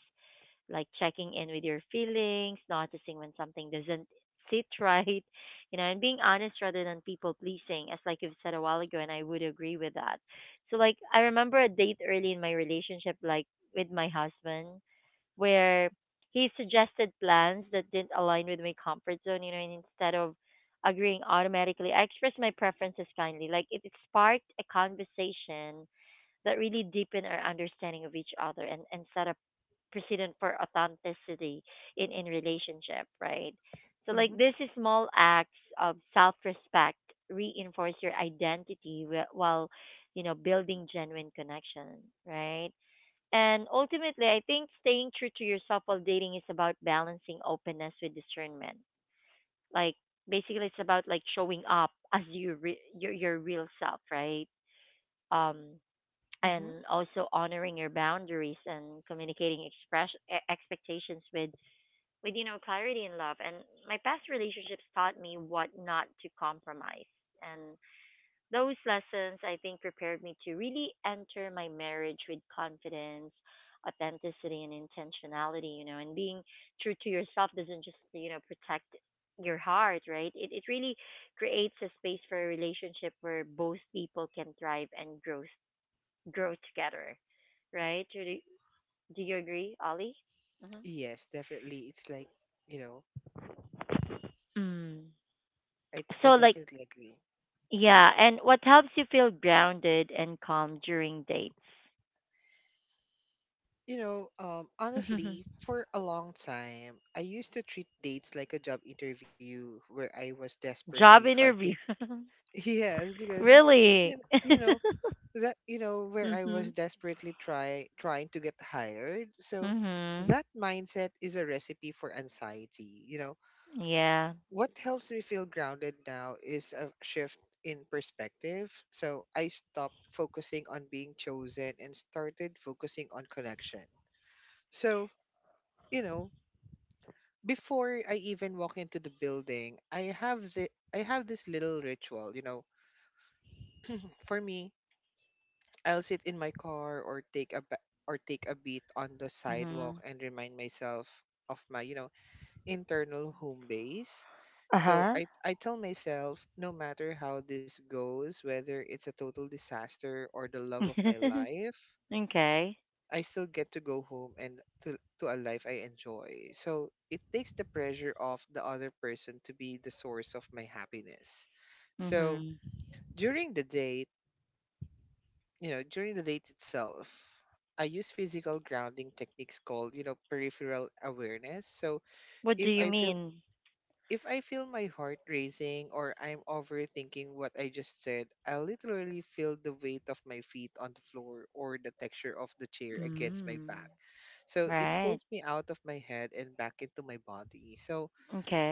like checking in with your feelings, noticing when something doesn't sit right, you know, and being honest rather than people pleasing, as like you've said a while ago, and I would agree with that. So like I remember a date early in my relationship, like with my husband, where he suggested plans that didn't align with my comfort zone, you know, and instead of agreeing automatically, I expressed my preferences kindly. Like it sparked a conversation that really deepened our understanding of each other, and set a precedent for authenticity in relationship, right? So like
hmm
these small acts of self respect reinforce your identity while, you know, building genuine connection, right? And ultimately, I think staying true to yourself while dating is about balancing openness with discernment. Like basically, it's about like showing up as you your real self, right? Um,
hmm
and also honoring your boundaries and communicating express expectations with, you know, clarity and love. And my past relationships taught me what not to compromise. And. Those lessons, I think, prepared me to really enter my marriage with confidence, authenticity, and intentionality, you know, and being true to yourself doesn't just, you know, protect your heart, right? It really creates a space for a relationship where both people can thrive and grow, grow together, right? Do you agree, Ollie? Hmm.
Yes, definitely. It's like, you know,
Mm.
I
So, like,
definitely agree.
yeah, and what helps you feel grounded and calm during dates?
Honestly, for a long time, I used to treat dates like a job interview where I was desperately
Job
trying to.
interview.
Yes, because you,
Really?
you know you know where I was
Mhm.
desperately trying to get hired. So
Mhm.
that mindset is a recipe for anxiety. You know,
Yeah.
what helps me feel grounded now is a shift in perspective. So I stopped focusing on being chosen and started focusing on connection. So, you know, before I even walk into the building, I have this little ritual, you know. For me, I'll sit in my car or take a beat on the sidewalk
Mhm.
and remind myself of my, you know, internal home base.
Uh
So
huh.
I tell myself, no matter how this goes, whether it's a total disaster or the love of my life,
Okay.
I still get to go home and to a life I enjoy. So it takes the pressure off the other person to be the source of my happiness. So
Mhm.
during the date, you know, during the date itself, I use physical grounding techniques called, you know, peripheral awareness. So
What
if
do
I
you
feel
mean?
if I feel my heart racing or I'm overthinking what I just said, I literally feel the weight of my feet on the floor or the texture of the chair against my back.
Mm.
So it
Right.
pulls me out of my head and back into my body. So,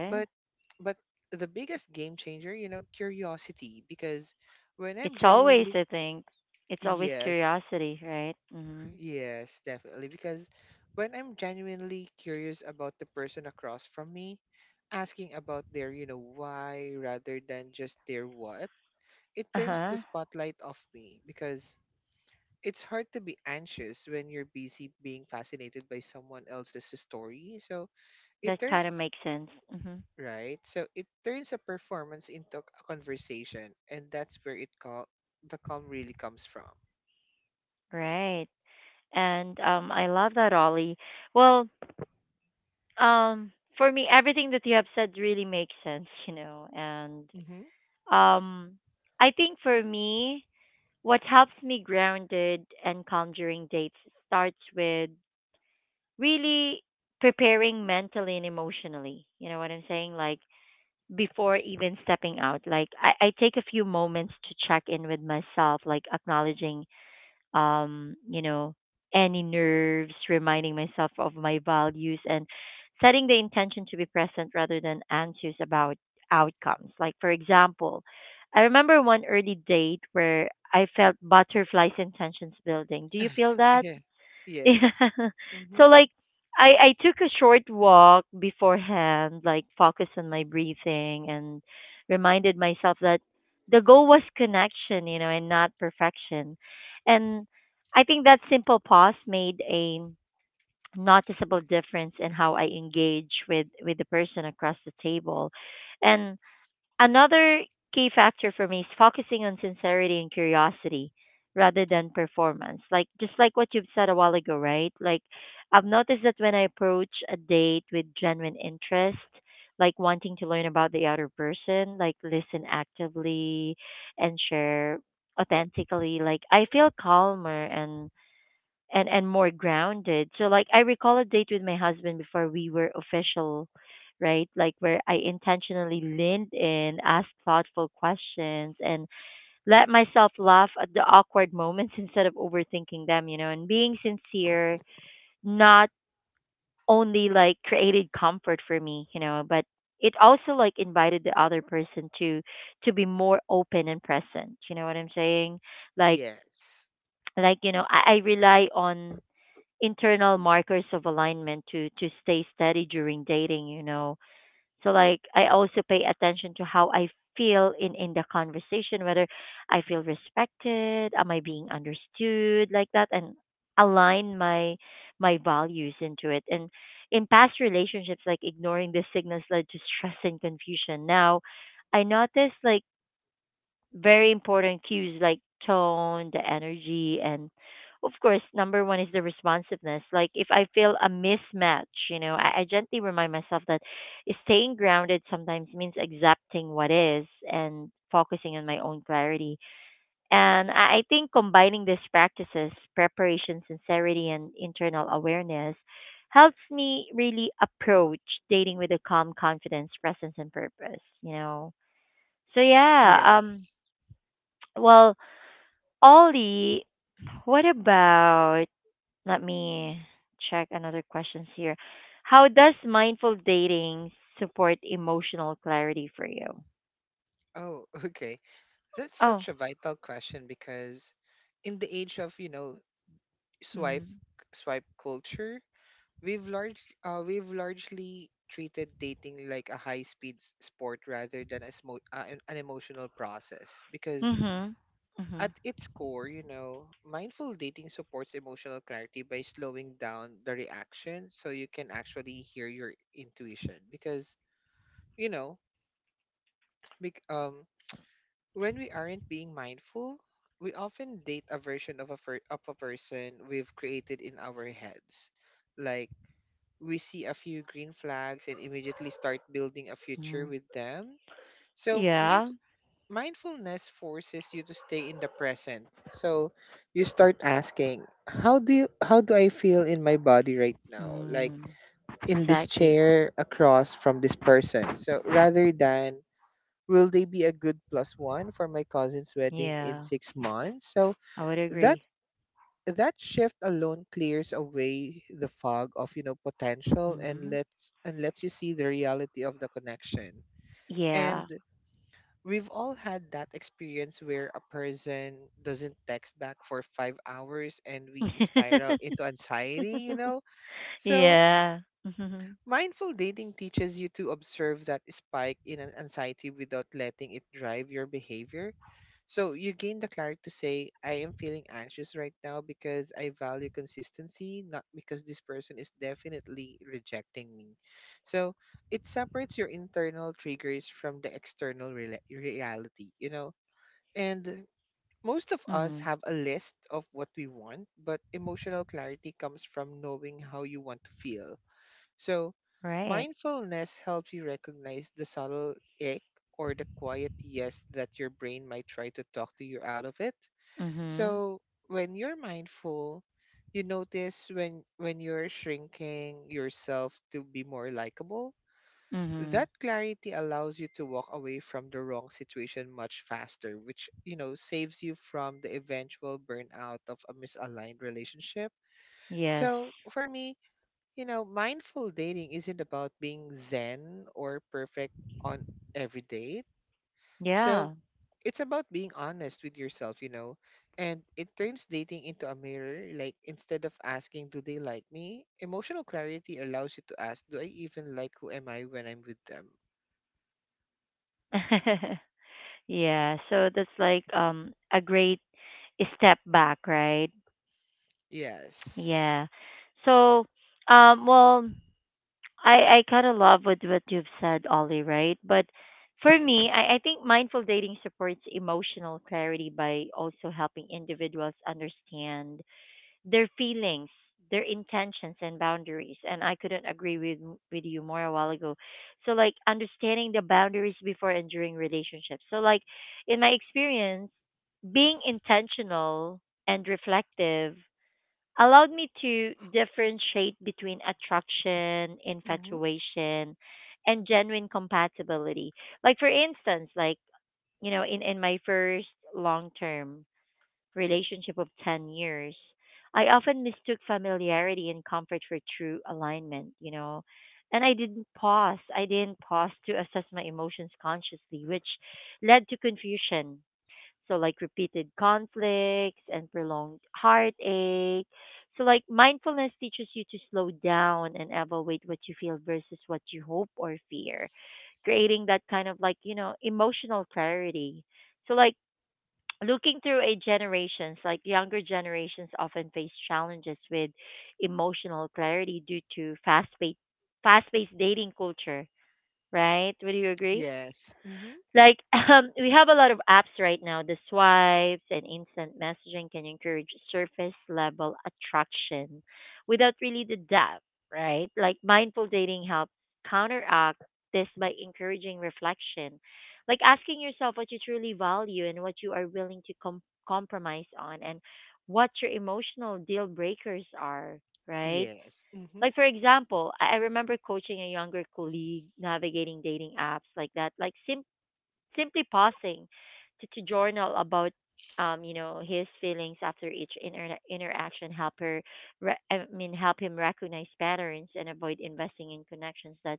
but, but the biggest game changer, you know, curiosity, because when I'm
It's always,
genuinely,
I think, it's always
yes,
curiosity, right? Mhm.
yes, definitely. Because when I'm genuinely curious about the person across from me, asking about their, you know, why rather than just their what, it
Uh
turns the
huh.
spotlight off me because it's hard to be anxious when you're busy being fascinated by someone else's story. So it
That
turns,
kind of makes sense. Mhm.
right? So it turns a performance into a conversation. And that's where it call the calm really comes from.
Right. And I love that, Ollie. Well, for me, everything that you have said really makes sense, you know, and
Mm-hmm.
um, I think for me, what helps me grounded and calm during dates starts with really preparing mentally and emotionally. You know what I'm saying? Like before even stepping out, like I take a few moments to check in with myself, like acknowledging you know, any nerves, reminding myself of my values and setting the intention to be present rather than anxious about outcomes. Like, for example, I remember one early date where I felt butterflies and tensions building. Do you feel that?
yeah.
Yeah.
Yes. Mm-hmm.
So like I took a short walk beforehand, like focused on my breathing and reminded myself that the goal was connection, you know, and not perfection. And I think that simple pause made a noticeable difference in how I engage with the person across the table. And another key factor for me is focusing on sincerity and curiosity rather than performance. Like just like what you've said a while ago, right? Like I've noticed that when I approach a date with genuine interest, like wanting to learn about the other person, like listen actively and share authentically, like I feel calmer and and more grounded. So like I recall a date with my husband before we were official, right? Like where I intentionally leaned in, asked thoughtful questions and let myself laugh at the awkward moments instead of overthinking them, you know, and being sincere not only like created comfort for me, you know, but it also like invited the other person to be more open and present. You know what I'm saying? Like
Yes.
you know, I rely on internal markers of alignment to stay steady during dating, you know. So like I also pay attention to how I feel in the conversation, whether I feel respected, am I being understood, like that, and align my my values into it. And in past relationships, like ignoring the signals led to stress and confusion. Now I noticed like very important cues like tone, the energy, and of course, number one is the responsiveness. Like if I feel a mismatch, you know, I gently remind myself that staying grounded sometimes means accepting what is and focusing on my own clarity. And I think combining these practices, preparation, sincerity, and internal awareness, helps me really approach dating with a calm confidence, presence, and purpose, you know. So yeah,
Yes.
well, Ollie, what about? Let me check another questions here. How does mindful dating support emotional clarity for you?
Oh, okay. That's
Oh.
such a vital question because in the age of, you know, swipe
Mm-hmm.
swipe culture, we've largely treated dating like a high-speed sport rather than a smo- an emotional process because
Mm-hmm. Mm-hmm.
at its core, you know, mindful dating supports emotional clarity by slowing down the reaction so you can actually hear your intuition because, you know, bec- um when we aren't being mindful, we often date a version of a person we've created in our heads. Like, we see a few green flags and immediately start building a future
Hmm.
with them. So,
Yeah.
mindfulness forces you to stay in the present. So, you start asking, how do I feel in my body right now? Like
Mm.
in this
Exactly.
chair across from this person. So, rather than will they be a good plus one for my cousin's wedding in
Yeah.
6 months? So
I would
that
agree.
that shift alone clears away the fog of, you know, potential,
Mm-hmm.
and lets you see the reality of the connection.
Yeah.
And we've all had that experience where a person doesn't text back for 5 hours and we spiral into anxiety, you know? So
Yeah. Mm-hmm.
mindful dating teaches you to observe that spike in an anxiety without letting it drive your behavior. So you gain the clarity to say, I am feeling anxious right now because I value consistency, not because this person is definitely rejecting me. So it separates your internal triggers from the external reality, you know? And most of us
Mm-hmm.
have a list of what we want, but emotional clarity comes from knowing how you want to feel, so
Right.
mindfulness helps you recognize the subtle ick or the quiet yes that your brain might try to talk to you out of it.
Mm-hmm.
So, when you're mindful, you notice when you're shrinking yourself to be more likable.
Mm-hmm.
That clarity allows you to walk away from the wrong situation much faster, which, you know, saves you from the eventual burnout of a misaligned relationship.
Yes.
So, for me, you know, mindful dating isn't about being zen or perfect on every date. So
Yeah.
it's about being honest with yourself, you know, and it turns dating into a mirror. Like, instead of asking, do they like me? Emotional clarity allows you to ask, do I even like who am I when I'm with them?
Yeah, so that's like a great step back, right?
Yes.
Yeah. So, well, I kind of love with what you've said, Ollie, right? But for me, I think mindful dating supports emotional clarity by also helping individuals understand their feelings, their intentions and boundaries. And I couldn't agree with you more a while ago. So like understanding the boundaries before and during relationships. So like in my experience, being intentional and reflective allowed me to differentiate between attraction,
Mm-hmm.
infatuation, and genuine compatibility. Like for instance, like you know, in my first long term relationship of 10 years, I often mistook familiarity and comfort for true alignment, you know. And I didn't pause. I didn't pause to assess my emotions consciously, which led to confusion. So, like repeated conflicts and prolonged heartache. So, like mindfulness teaches you to slow down and evaluate what you feel versus what you hope or fear, creating that kind of like, you know, emotional clarity. So, like, looking through a generations, like younger generations often face challenges with emotional clarity due to fast paced dating culture, right? Would you agree?
Yes. Mm-hmm.
Like we have a lot of apps right now. The swipes and instant messaging can encourage surface level attraction without really the depth, right? Like mindful dating helps counteract this by encouraging reflection, like asking yourself what you truly value and what you are willing to compromise on, and what your emotional deal breakers are, right?
Yes. Mm-hmm.
Like for example, I remember coaching a younger colleague navigating dating apps like that. Like simply pausing to journal about his feelings after each interaction help her re- I mean help him recognize patterns and avoid investing in connections that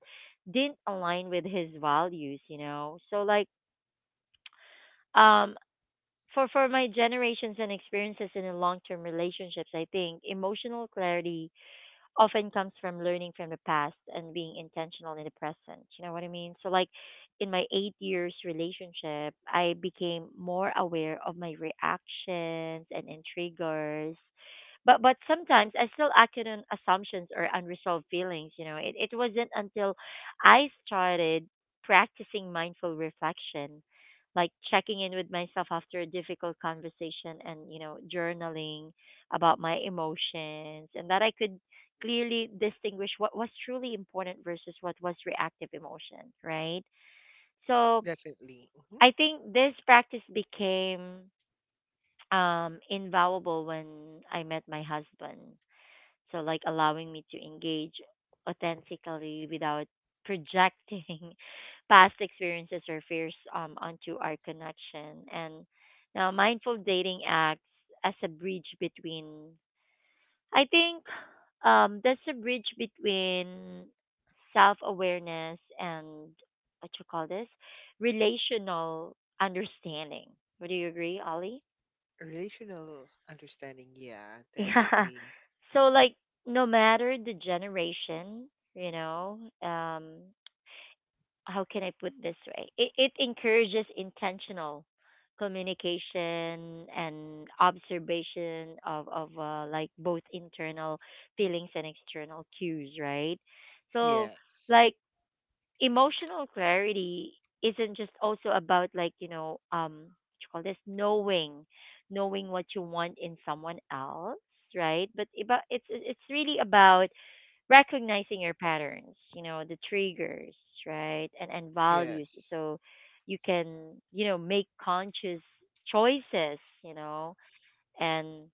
didn't align with his values um for my generations and experiences in a long term relationships, I think emotional clarity often comes from learning from the past and being intentional in the present. You know what I mean? So, like in my 8 year relationship, I became more aware of my reactions and triggers. But sometimes I still acted on assumptions or unresolved feelings. You know, it wasn't until I started practicing mindful reflection, like checking in with myself after a difficult conversation and, you know, journaling about my emotions and that I could clearly distinguish what was truly important versus what was reactive emotion, right? So
Definitely. Mm-hmm.
I think this practice became invaluable when I met my husband. So, like, allowing me to engage authentically without projecting past experiences or fears onto our connection. And now, mindful dating acts as a bridge between, I think, that's a bridge between self awareness and what you call this, relational understanding. Would you agree, Ollie?
Relational understanding. Yeah,
Yeah.
definitely.
So like no matter the generation, you know, um how can I put this way? It encourages intentional communication and observation of like both internal feelings and external cues, right? So
Yes.
like emotional clarity isn't just also about, like, you know, what you call this, knowing what you want in someone else, right? But about, it's really about recognizing your patterns, you know, the triggers, right? And values,
Yes.
so you can, you know, make conscious choices, you know, and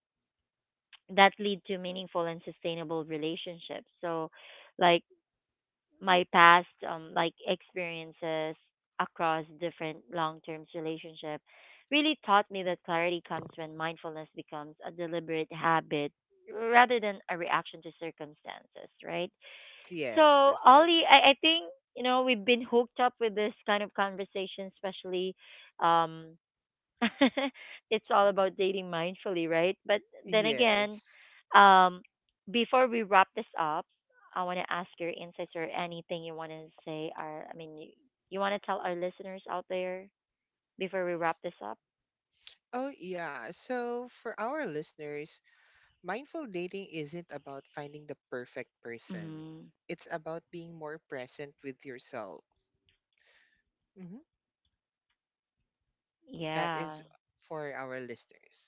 that lead to meaningful and sustainable relationships. So like my past like experiences across different long-term relationship really taught me that clarity comes when mindfulness becomes a deliberate habit rather than a reaction to circumstances, right? So,
Yes, definitely.
Ollie, I think, you know, we've been hooked up with this kind of conversation, especially um it's all about dating mindfully, right? But then again,
Yes.
um before we wrap this up, I want to ask your insights or anything you want to say. Our, I mean, you want to tell our listeners out there before we wrap this up?
Oh, yeah. So, for our listeners, mindful dating isn't about finding the perfect person,
Mm,
it's about being more present with yourself. Hmm That is
yeah.
for our listeners.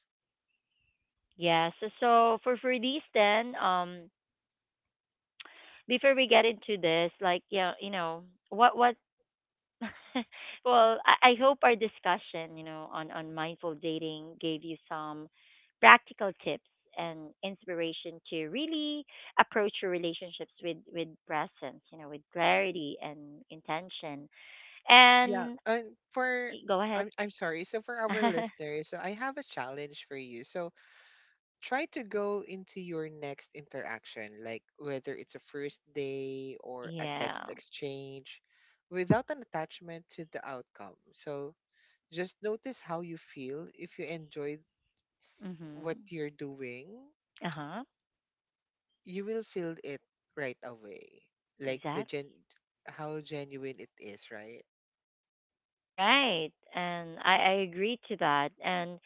Yeah. So, so for these then, before we get into this, like yeah, you know, what well, I hope our discussion, you know, on mindful dating gave you some practical tips and inspiration to really approach your relationships with presence, you know, with clarity and intention.
Yeah.
And
And for,
go ahead.
I'm sorry. So, for our listeners, so I have a challenge for you. So, try to go into your next interaction, like whether it's a first day or a text
Yeah.
exchange, without an attachment to the outcome. So just notice how you feel. If you enjoy what
Mhm.
you're doing,
Uh-huh.
you will feel it right away. Like the
Exactly.
gen How genuine it is, right?
Right. And I agree to that. And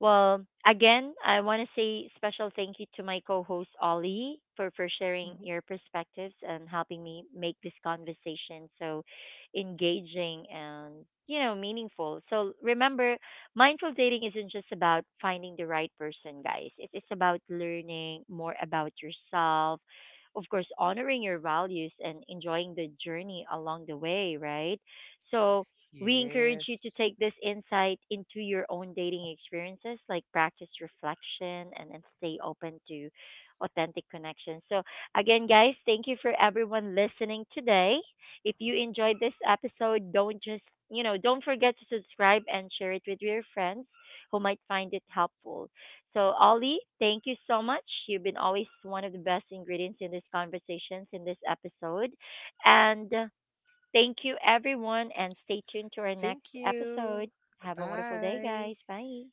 well, again, I want to say special thank you to my co-host Ollie for sharing
hmm
your perspectives and helping me make this conversation so engaging and, you know, meaningful. So remember, mindful dating isn't just about finding the right person, guys. It is about learning more about yourself, of course, honoring your values and enjoying the journey along the way, right? So we encourage you to
Yes.
take this insight into your own dating experiences, like practice reflection and stay open to authentic connections. So, again, guys, thank you for everyone listening today. If you enjoyed this episode, don't just, you know, don't forget to subscribe and share it with your friends who might find it helpful. So, Ollie, thank you so much. You've been always one of the best ingredients in these conversations in this episode. And thank you, everyone, and stay tuned to our next
Thank you.
episode. Have a wonderful day,
Bye.
guys. Bye.